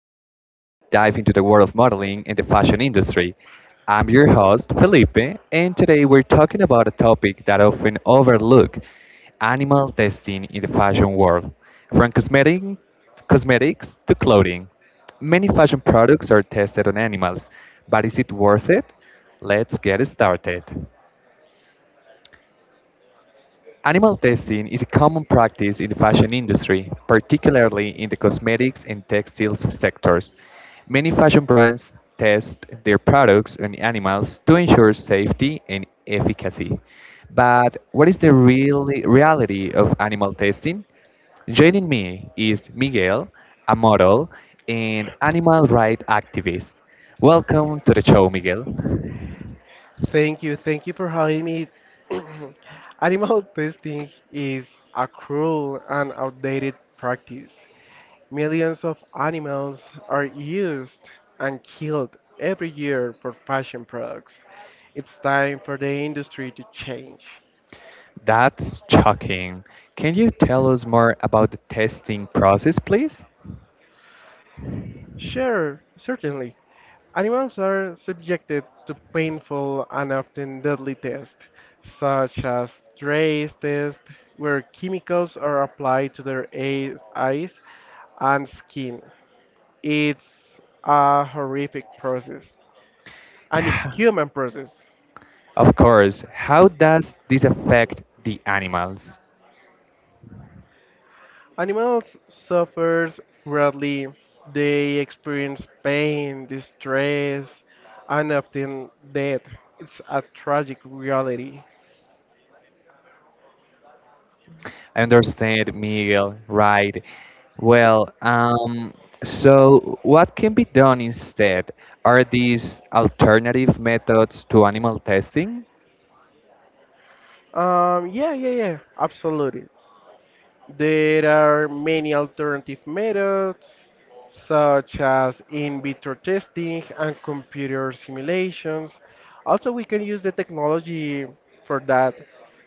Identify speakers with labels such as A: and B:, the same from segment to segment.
A: a podcast where we dive into the world of modeling and the fashion industry. I'm your host, Felipe, and today we're talking about a topic that often overlooked: animal testing in the fashion world. From cosmetics to clothing, many fashion products are tested on animals, but is it worth it? Let's get started. Animal testing is a common practice in the fashion industry, particularly in the cosmetics and textiles sectors. Many fashion brands test their products on animals to ensure safety and efficacy. But what is the real reality of animal testing? Joining me is Miguel, a model and animal rights activist. Welcome to the show, Miguel.
B: Thank you for having me. Animal testing is a cruel and outdated practice. Millions of animals are used and killed every year for fashion products. It's time for the industry to change.
A: That's shocking. Can you tell us more about the testing process, please?
B: Sure, certainly. Animals are subjected to painful and often deadly tests, such as trace tests, where chemicals are applied to their eyes and skin. It's a horrific process, an inhuman process.
A: Of course, how does this affect the animals?
B: Animals suffer greatly. They experience pain, distress, and often death. It's a tragic reality.
A: I understand, Miguel, right? Well, so what can be done instead? Are these alternative methods to animal testing?
B: Yeah, yeah, yeah, absolutely. There are many alternative methods, such as in vitro testing and computer simulations. Also, we can use the technology for that.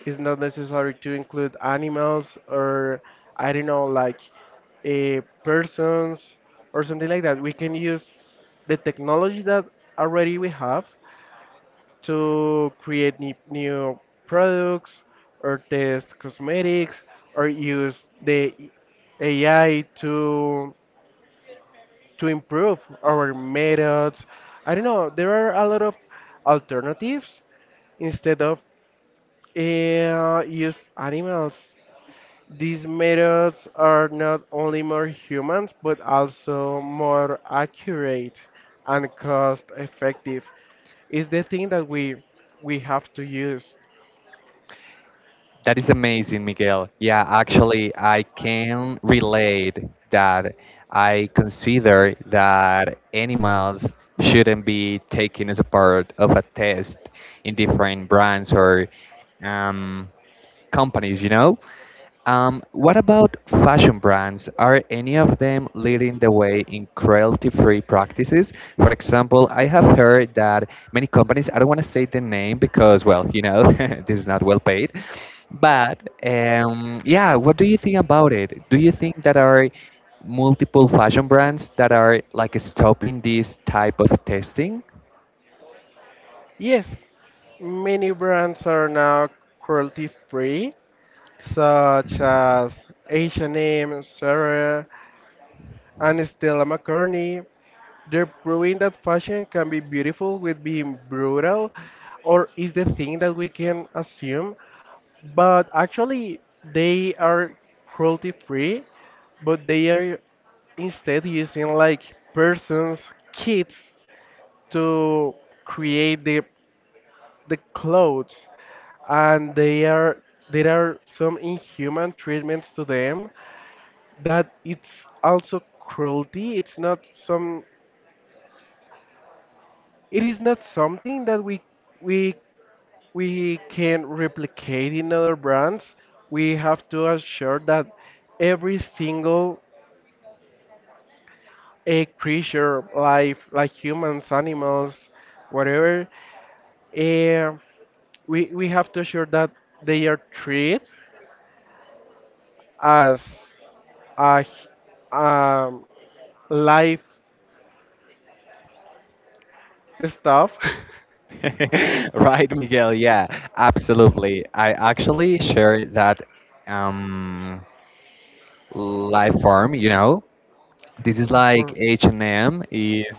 B: It's not necessary to include animals or, I don't know, like persons or something like that. We can use the technology that already we have to create new products or test cosmetics or use the AI to improve our methods. I don't know. There are a lot of alternatives instead of use animals. These methods are not only more humans but also more accurate and cost effective. Is the thing that we have to use.
A: That is amazing, Miguel. Yeah, actually, I can relate that I consider that animals shouldn't be taken as a part of a test in different brands or um, companies, you know? What about fashion brands? Are any of them leading the way in cruelty-free practices? For example, I have heard that many companies, I don't want to say the name because, well, you know, this is not well paid. But yeah, what do you think about it? Do you think that are multiple fashion brands that are like stopping this type of testing?
B: Yes, many brands are now cruelty free, such as H&M, Zara, and Stella McCartney. They're proving that fashion can be beautiful with being brutal, or is the thing that we can assume. But actually, they are cruelty free, but they are instead using like persons, kids to create the clothes and they are there are some inhuman treatments to them that it's also cruelty it's not some it is not something that we we can replicate in other brands we have to assure that every single a creature life like humans animals whatever eh, we have to assure that they are treated as a life stuff.
A: Right, Miguel? Yeah, absolutely. I actually share that um, life form, you know. This is like
B: Or
A: H&M is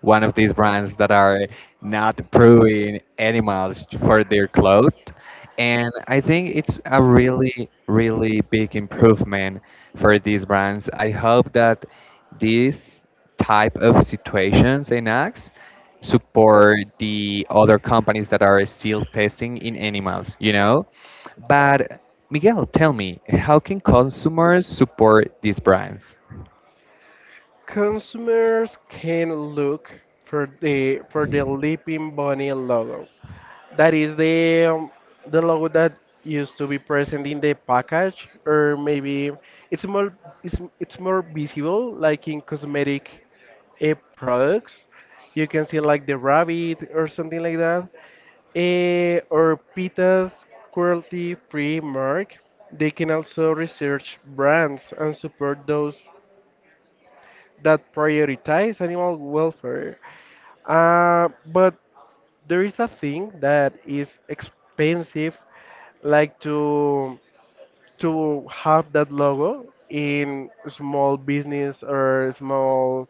A: one of these brands that are not approving animals for their clothes. And I think it's a really, really big improvement for these brands. I hope that this type of situations and acts support the other companies that are still testing in animals, you know? But Miguel, tell me, how can consumers support these brands?
B: consumers can look for the leaping bunny logo that is the logo that used to be present in the package or maybe it's more it's more visible like in cosmetic products. You can see like the rabbit or something like that. Or PETA's cruelty free mark. They can also research brands and support those that prioritize animal welfare. But there is a thing that is expensive, like to have that logo in small business or small,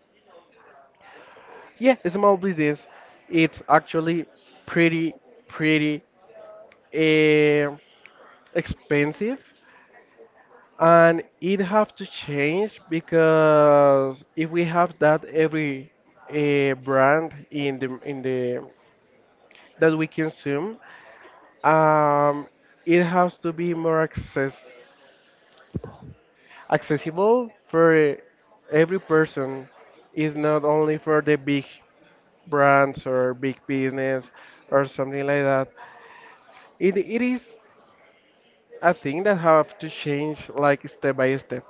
B: yeah, small business. It's actually pretty pretty uh, expensive and it have to change because if we have that every a brand in the that we consume, um, it has to be more accessible for every person. It's not only for the big brands or big business or something like that. It is a thing that have to change like step by step.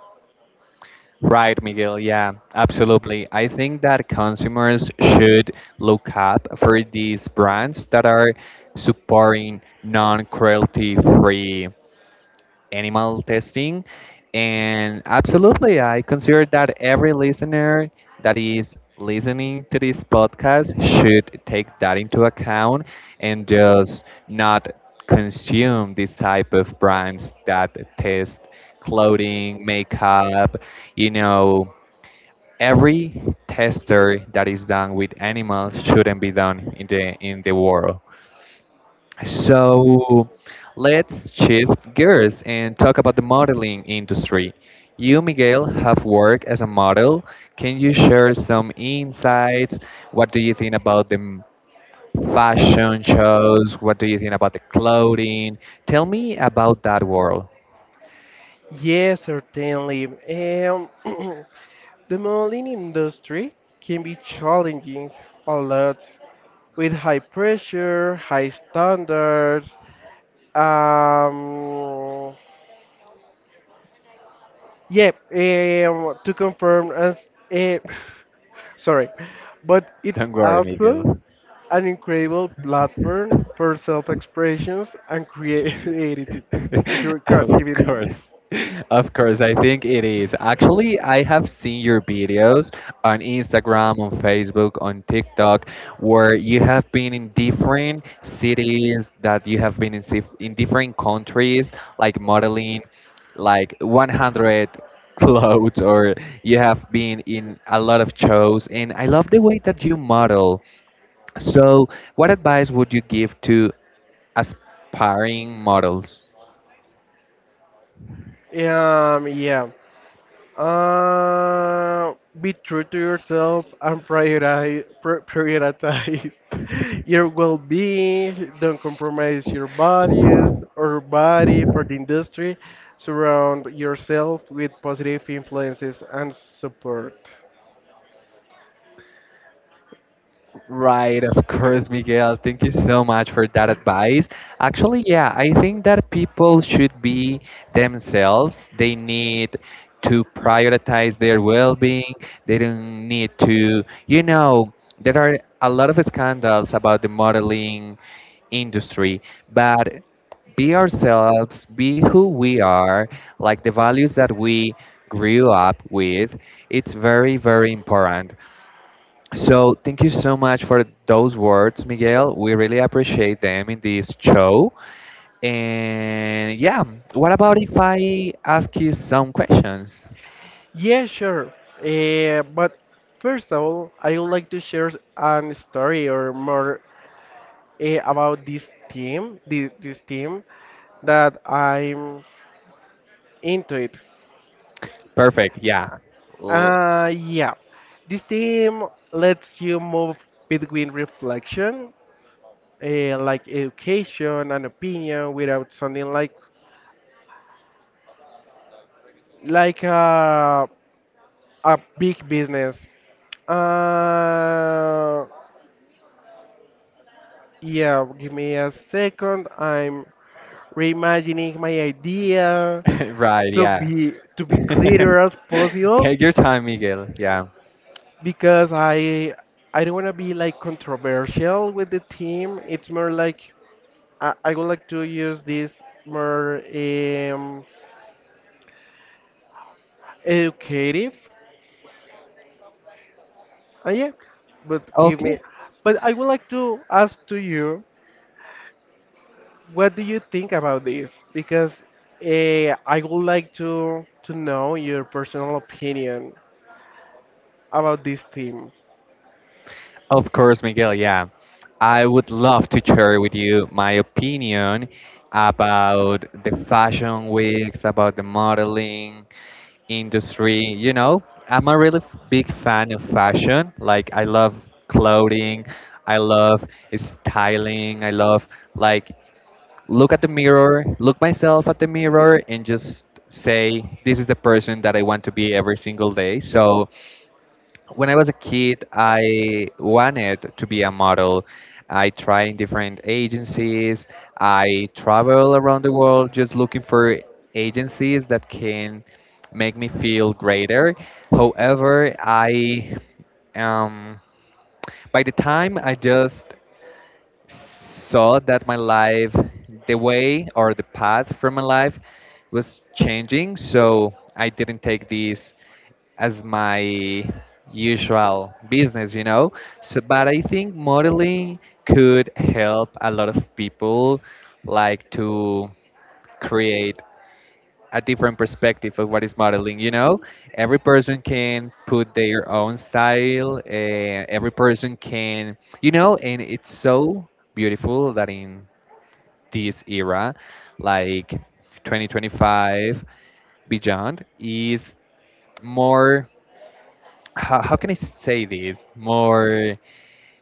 A: Right, Miguel. Yeah, absolutely. I think that consumers should look up for these brands that are supporting non-cruelty-free animal testing. And absolutely, I consider that every listener that is listening to this podcast should take that into account and just not consume this type of brands that test clothing, makeup, you know. Every tester that is done with animals shouldn't be done in the world. So let's shift gears and talk about the modeling industry. You, Miguel, have worked as a model. Can you share some insights? What do you think about fashion shows? What do you think about the clothing? Tell me about that world.
B: Yes, certainly. Um, the modeling industry can be challenging a lot with high pressure, high standards. Um, yeah, to confirm, as eh, sorry, but it's
A: Don't worry,
B: also
A: Miguel.
B: an incredible platform for self-expressions and creativity.
A: Of
B: Creativity.
A: course. Of course, I think it is. Actually, I have seen your videos on Instagram, on Facebook, on TikTok, where you have been in different cities, that you have been in different countries, like modeling, like 100 clothes, or you have been in a lot of shows. And I love the way that you model. So, what advice would you give to aspiring models?
B: Yeah. Uh, be true to yourself and prioritize your well-being. Don't compromise your values or body for the industry. Surround yourself with positive influences and support.
A: Right, of course, Miguel. Thank you so much for that advice. Actually, yeah, I think that people should be themselves. They need to prioritize their well being. They don't need to, you know, there are a lot of scandals about the modeling industry, but be ourselves, be who we are, like the values that we grew up with. It's very, very important. So thank you so much for those words, Miguel. We really appreciate them in this show. And yeah, what about if I ask you some questions?
B: Yeah, sure. But first of all, I would like to share an story or more about this team, this team that I'm into it.
A: Perfect. Yeah. L-
B: Yeah. This team lets you move between reflection, like education and opinion, without sounding like like a a big business. Uh, yeah. Give me a second. I'm reimagining my idea
A: Right.
B: to
A: Yeah.
B: be to be clearer as possible
A: Take your time, Miguel. Yeah.
B: because I don't want to be like controversial with the team. It's more like I would like to use this more educative. Yeah, but give
A: Okay.
B: me. But I would like to ask to you, what do you think about this? Because I would like to know your personal opinion about this theme.
A: Of course, Miguel. Yeah. I would love to share with you my opinion about the fashion weeks, about the modeling industry. You know, I'm a really big fan of fashion. Like, I love clothing, I love styling, I love like look at the mirror, look myself at the mirror, and just say this is the person that I want to be every single day. So when I was a kid, I wanted to be a model. I tried in different agencies. I travel around the world just looking for agencies that can make me feel greater. However, I, um, by the time I just saw that my life, the way or the path for my life was changing. So I didn't take this as my usual business, you know. So, but I think modeling could help a lot of people like to create a different perspective of what is modeling, you know. Every person can put their own style, every person can, you know, and it's so beautiful that in this era, like 2025 beyond, is more, how can I say this, more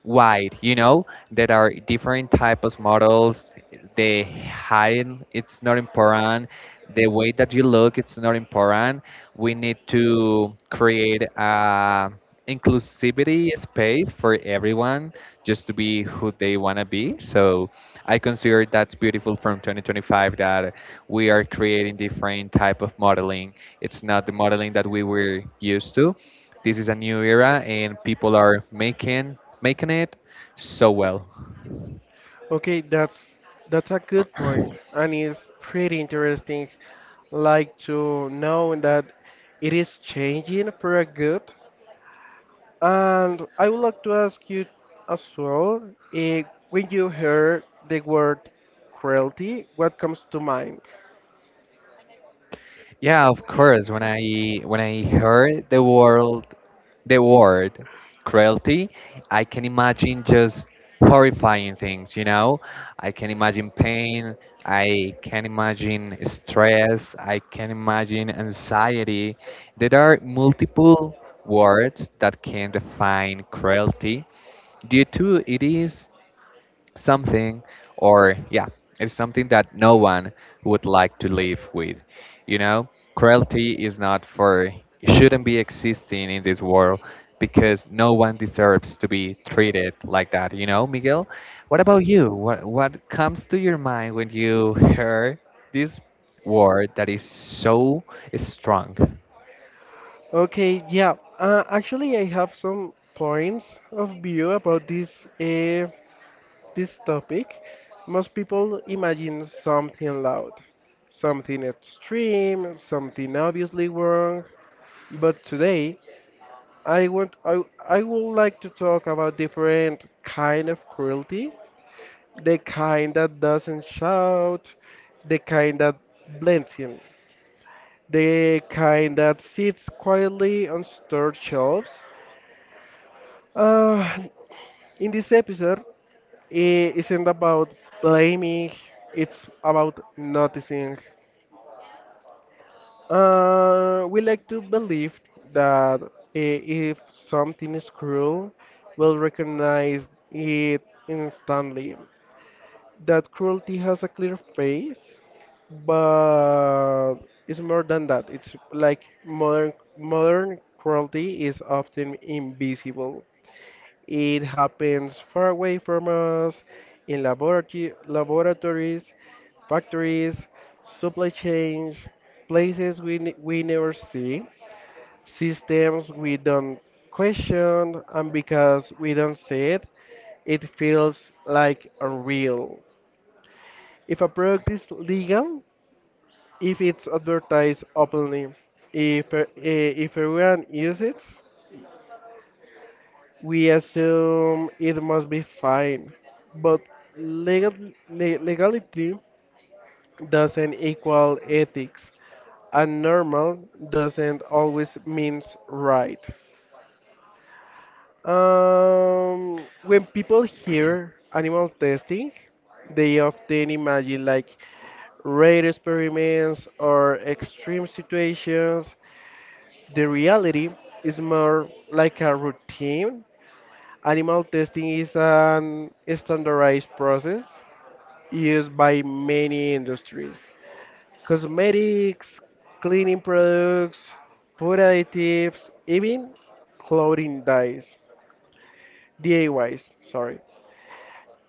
A: wide, you know. There are different types of models. The height, it's not important. The way that you look, it's not important. We need to create a inclusivity space for everyone just to be who they want to be. So I consider that's beautiful from 2025 that we are creating different type of modeling. It's not the modeling that we were used to. This is a new era and people are making it so well.
B: Okay, that's a good point, and it's pretty interesting. Like to know that it is changing for a good. And I would like to ask you as well, eh, when you hear the word cruelty, what comes to mind?
A: Yeah, of course. When I, when I heard the world the word cruelty, I can imagine just horrifying things, you know? I can imagine pain, I can imagine stress, I can imagine anxiety. There are multiple words that can define cruelty due to it is something, or yeah, it's something that no one would like to live with, you know. Cruelty is not for, shouldn't be existing in this world, because no one deserves to be treated like that, you know, Miguel. What about you? What comes to your mind when you hear this word that is so strong?
B: Okay, yeah. Actually, I have some points of view about this this topic. Most people imagine something loud, something extreme, something obviously wrong. But today, I want I, I would like to talk about different kind of cruelty, the kind that doesn't shout, the kind that blends in, the kind that sits quietly on store shelves. Uh, in this episode, it isn't about blaming, it's about noticing. We like to believe that if something is cruel, we'll recognize it instantly. That cruelty has a clear face, but it's more than that. It's like modern cruelty is often invisible. It happens far away from us, in laboratory, laboratories, factories, supply chains, places we never see, systems we don't question, and because we don't see it, it feels like unreal. If a product is legal, if it's advertised openly. If if everyone uses it, we assume it must be fine. But legal, legality doesn't equal ethics, and normal doesn't always means right. When people hear animal testing, they often imagine like rare experiments or extreme situations. The reality is more like a routine. Animal testing is an standardized process used by many industries. Cosmetics, cleaning products, food additives, even clothing dyes. DIYs, sorry.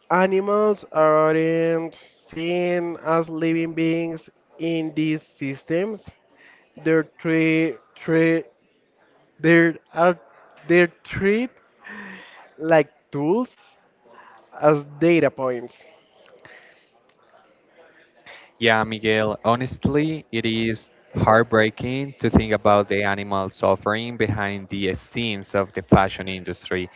B: Animals aren't seen as living beings in these systems. They're tre- tre- they're, are, they're treated like tools as data points.
A: Yeah, Miguel, honestly, it is heartbreaking to think about the animal suffering behind the scenes of the fashion industry.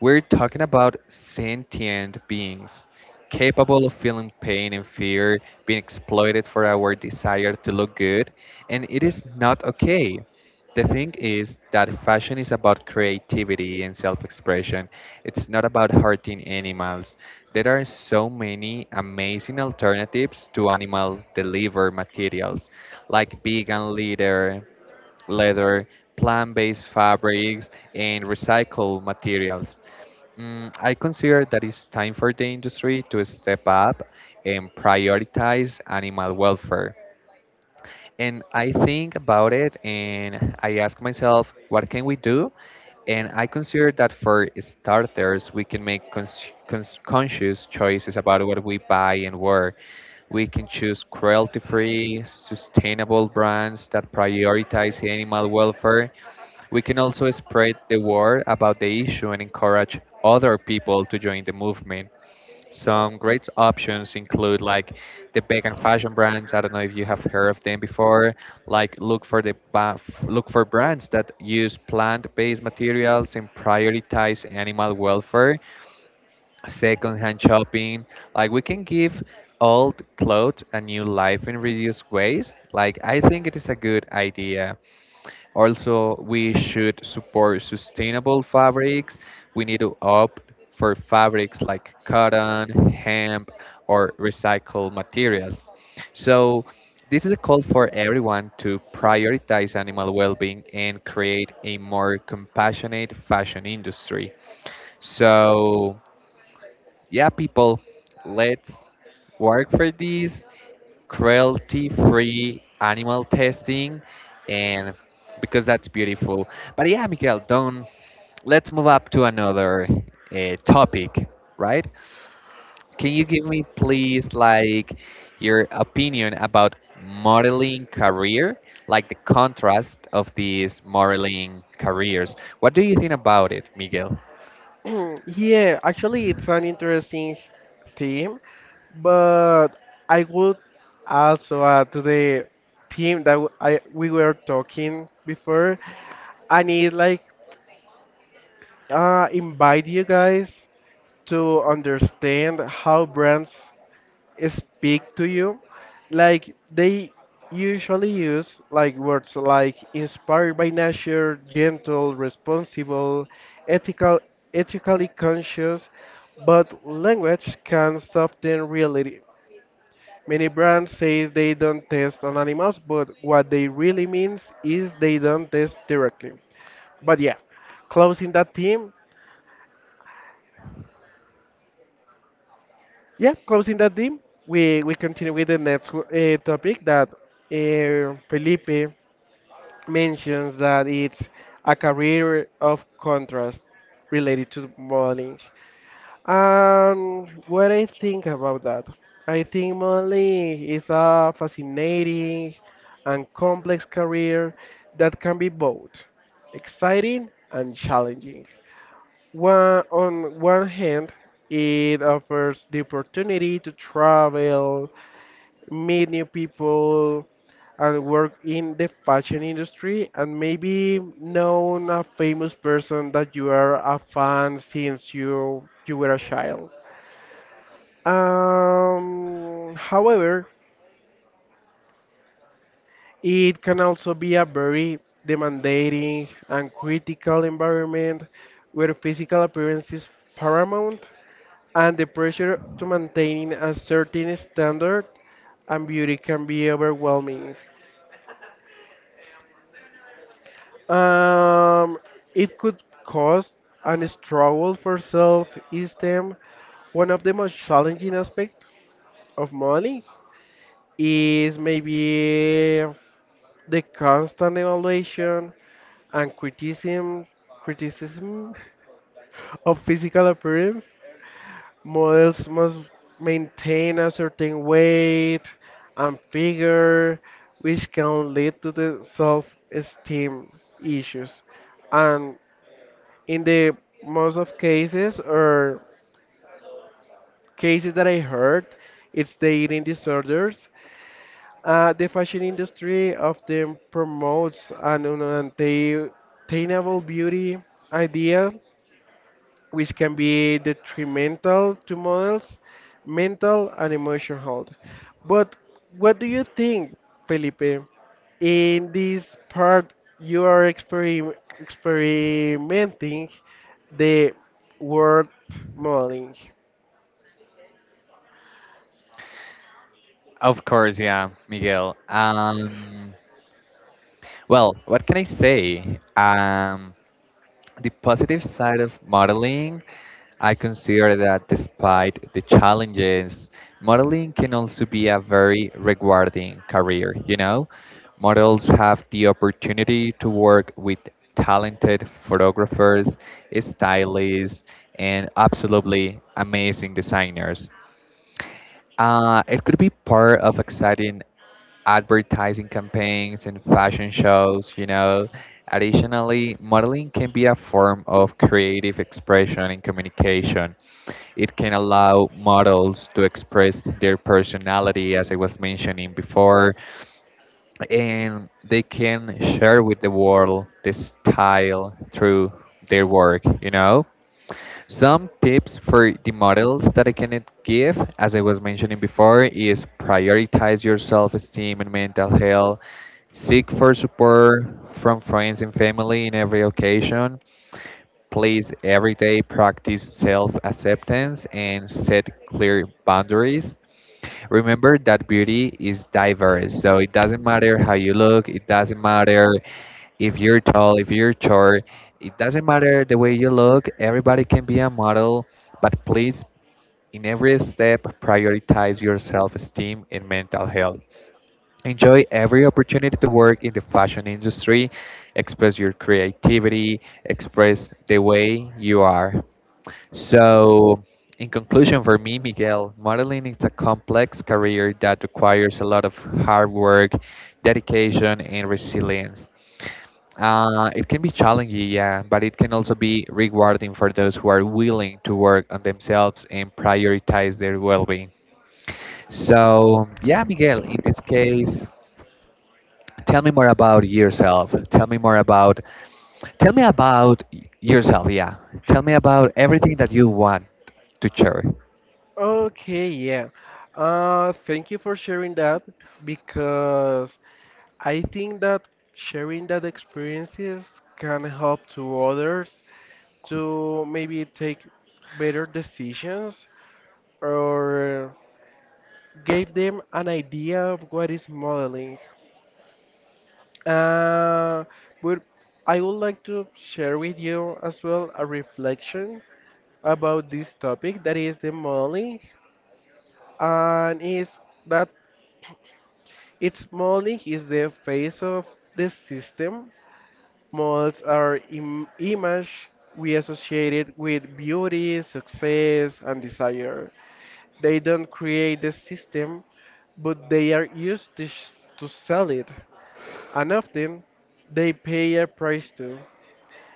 A: We're talking about sentient beings capable of feeling pain and fear, being exploited for our desire to look good, and it is not okay. The thing is that fashion is about creativity and self expression. It's not about hurting animals. There are so many amazing alternatives to animal delivered materials like vegan leather, plant-based fabrics, and recycled materials. I consider that it's time for the industry to step up and prioritize animal welfare, and I think about it and I ask myself, what can we do? And I consider that for starters, we can make conscious choices about what we buy and where. We can choose cruelty free, sustainable brands that prioritize animal welfare. We can also spread the word about the issue and encourage other people to join the movement. Some great options include like the vegan fashion brands. I don't know if you have heard of them before. Like look for look for brands that use plant-based materials and prioritize animal welfare. Secondhand shopping, like we can give old clothes a new life and reduce waste. Like I think it is a good idea. Also, we should support sustainable fabrics. We need to opt for fabrics like cotton, hemp, or recycled materials. So, this is a call for everyone to prioritize animal well being and create a more compassionate fashion industry. So, yeah, people, let's work for this cruelty free animal testing, and because that's beautiful. But yeah, Miguel, don't let's move up to another topic, right? Can you give me please like your opinion about modeling career, like the contrast of these modeling careers? What do you think about it, Miguel?
B: Yeah, actually, it's an interesting theme, but I would also add to the theme that I we were talking before. I need like invite you guys to understand how brands speak to you, like they usually use like words like inspired by nature, gentle, responsible, ethical, ethically conscious, but language can soften reality. Many brands say they don't test on animals, but what they really means is they don't test directly. But yeah, closing that theme. Yeah, closing that theme. We continue with the next topic that Felipe mentions that it's a career of contrast related to modeling. What I think about that, I think modeling is a fascinating and complex career that can be both exciting and challenging. On one hand, it offers the opportunity to travel, meet new people, and work in the fashion industry and maybe known a famous person that you are a fan since you were a child. However, it can also be a very demanding and critical environment where physical appearance is paramount and the pressure to maintaining a certain standard and beauty can be overwhelming. Um, it could cause and struggle for self-esteem. One of the most challenging aspects of money is maybe the constant evaluation and criticism of physical appearance. Models must maintain a certain weight and figure, which can lead to the self-esteem issues. And in the most of cases or cases that I heard, it's the eating disorders. The fashion industry often promotes an unattainable beauty idea which can be detrimental to models' mental and emotional health. But what do you think, Felipe? In this part, you are experimenting the word modeling.
A: Of course. Yeah, Miguel. Well, what can I say? The positive side of modeling, I consider that despite the challenges, modeling can also be a very rewarding career. You know, models have the opportunity to work with talented photographers, stylists, and absolutely amazing designers. It could be part of exciting advertising campaigns and fashion shows, you know. Additionally, modeling can be a form of creative expression and communication. It can allow models to express their personality, as I was mentioning before, and they can share with the world this style through their work, you know. Some tips for the models that I can give, as I was mentioning before, is prioritize your self-esteem and mental health, seek for support from friends and family in every occasion. Please every day practice self-acceptance and set clear boundaries. Remember that beauty is diverse, so it doesn't matter how you look, it doesn't matter if you're tall, if you're short, it doesn't matter the way you look, everybody can be a model, but please, in every step, prioritize your self esteem and mental health. Enjoy every opportunity to work in the fashion industry, express your creativity, express the way you are. So, in conclusion, for me, Miguel, modeling is a complex career that requires a lot of hard work, dedication, and resilience. It can be challenging, yeah, but it can also be rewarding for those who are willing to work on themselves and prioritize their well being. So, yeah, Miguel, in this case, tell me more about yourself. Tell me about yourself, yeah. Tell me about everything that you want to share.
B: Okay, yeah. Thank you for sharing that because I think that sharing that experiences can help to others to maybe take better decisions or gave them an idea of what is modeling. Uh, but I would like to share with you as well a reflection about this topic that is the modeling and is that its modeling is the face of the system. Models are image we associate it with beauty, success, and desire. They don't create the system, but they are used to, to sell it, and often they pay a price too.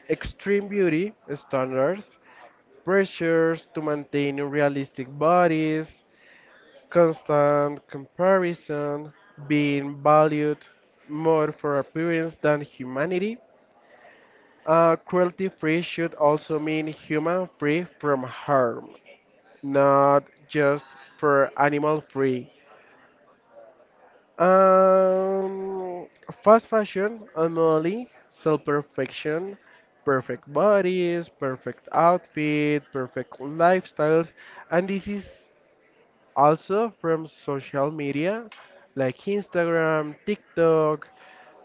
B: Extreme beauty standards, pressures to maintain realistic bodies, constant comparison, being valued more for appearance than humanity. Cruelty free should also mean human free from harm, not just for animal free. Um, Fast fashion, anomaly, self perfection, perfect bodies, perfect outfit, perfect lifestyles, and this is also from social media like Instagram, TikTok,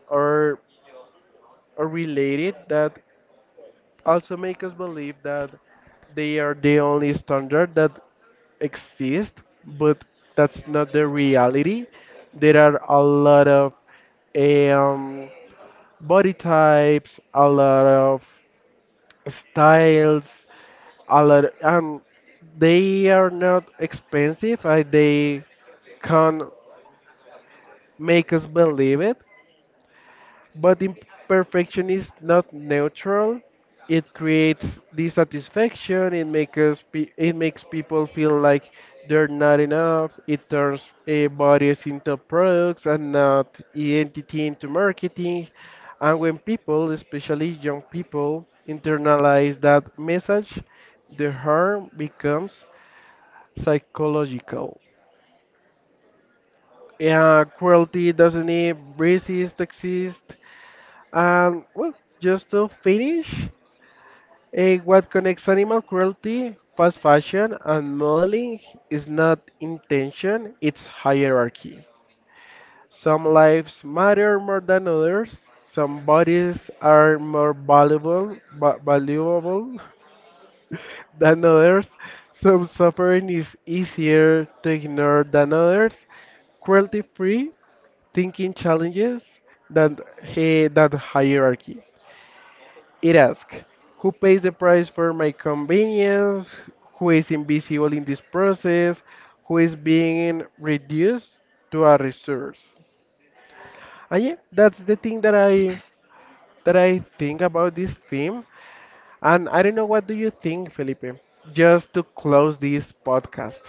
B: or or related that also make us believe that they are the only standard that exist, but that's not the reality. There are a lot of um, body types, a lot of styles, a lot, and they are not expensive. They can make us believe it. But imperfection is not neutral. It creates dissatisfaction. It makes people feel like they're not enough. It turns bodies into products and not identity into marketing. And when people, especially young people, internalize that message, the harm becomes psychological. Yeah, cruelty doesn't even exist. And well, just to finish, what connects animal cruelty, fast fashion, and modeling is not intention, it's hierarchy. Some lives matter more than others. Some bodies are more valuable than others. Some suffering is easier to ignore than others. Cruelty-free thinking challenges that that hierarchy. It asks, who pays the price for my convenience? Who is invisible in this process? Who is being reduced to a resource? And yeah, that's the thing that I think about this theme. And I don't know what do you think, Felipe? Just to close this podcast.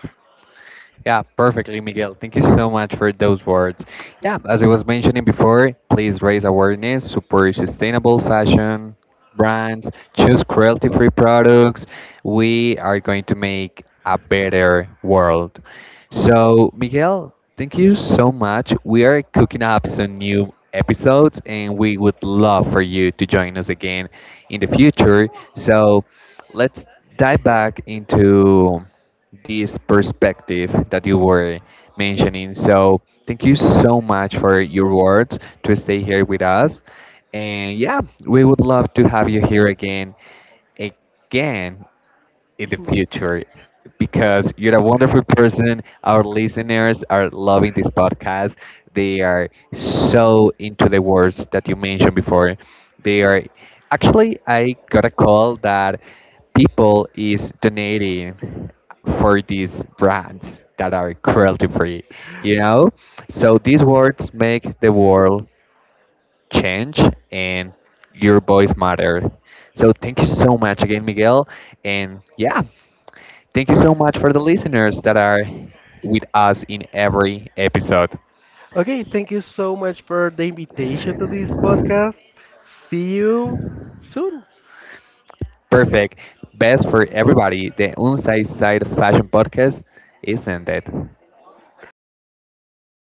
A: Yeah, perfectly, Miguel. Thank you so much for those words. Yeah, as I was mentioning before, please raise awareness, support sustainable fashion brands, choose cruelty free products. We are going to make a better world. So, Miguel, thank you so much. We are cooking up some new episodes and we would love for you to join us again in the future. So, let's dive back into this perspective that you were mentioning. So thank you so much for your words to stay here with us. And yeah, we would love to have you here again in the future because you're a wonderful person. Our listeners are loving this podcast. They are so into the words that you mentioned before. They are, actually I got a call that people is donating for these brands that are cruelty free, you know? So these words make the world change, and your voice matter. So thank you so much again, Miguel. And yeah, thank you so much for the listeners that are with us in every episode.
B: Okay, thank you so much for the invitation to this podcast. See you soon.
A: Perfect. Best for everybody. The Unsight Side Fashion Podcast is ended.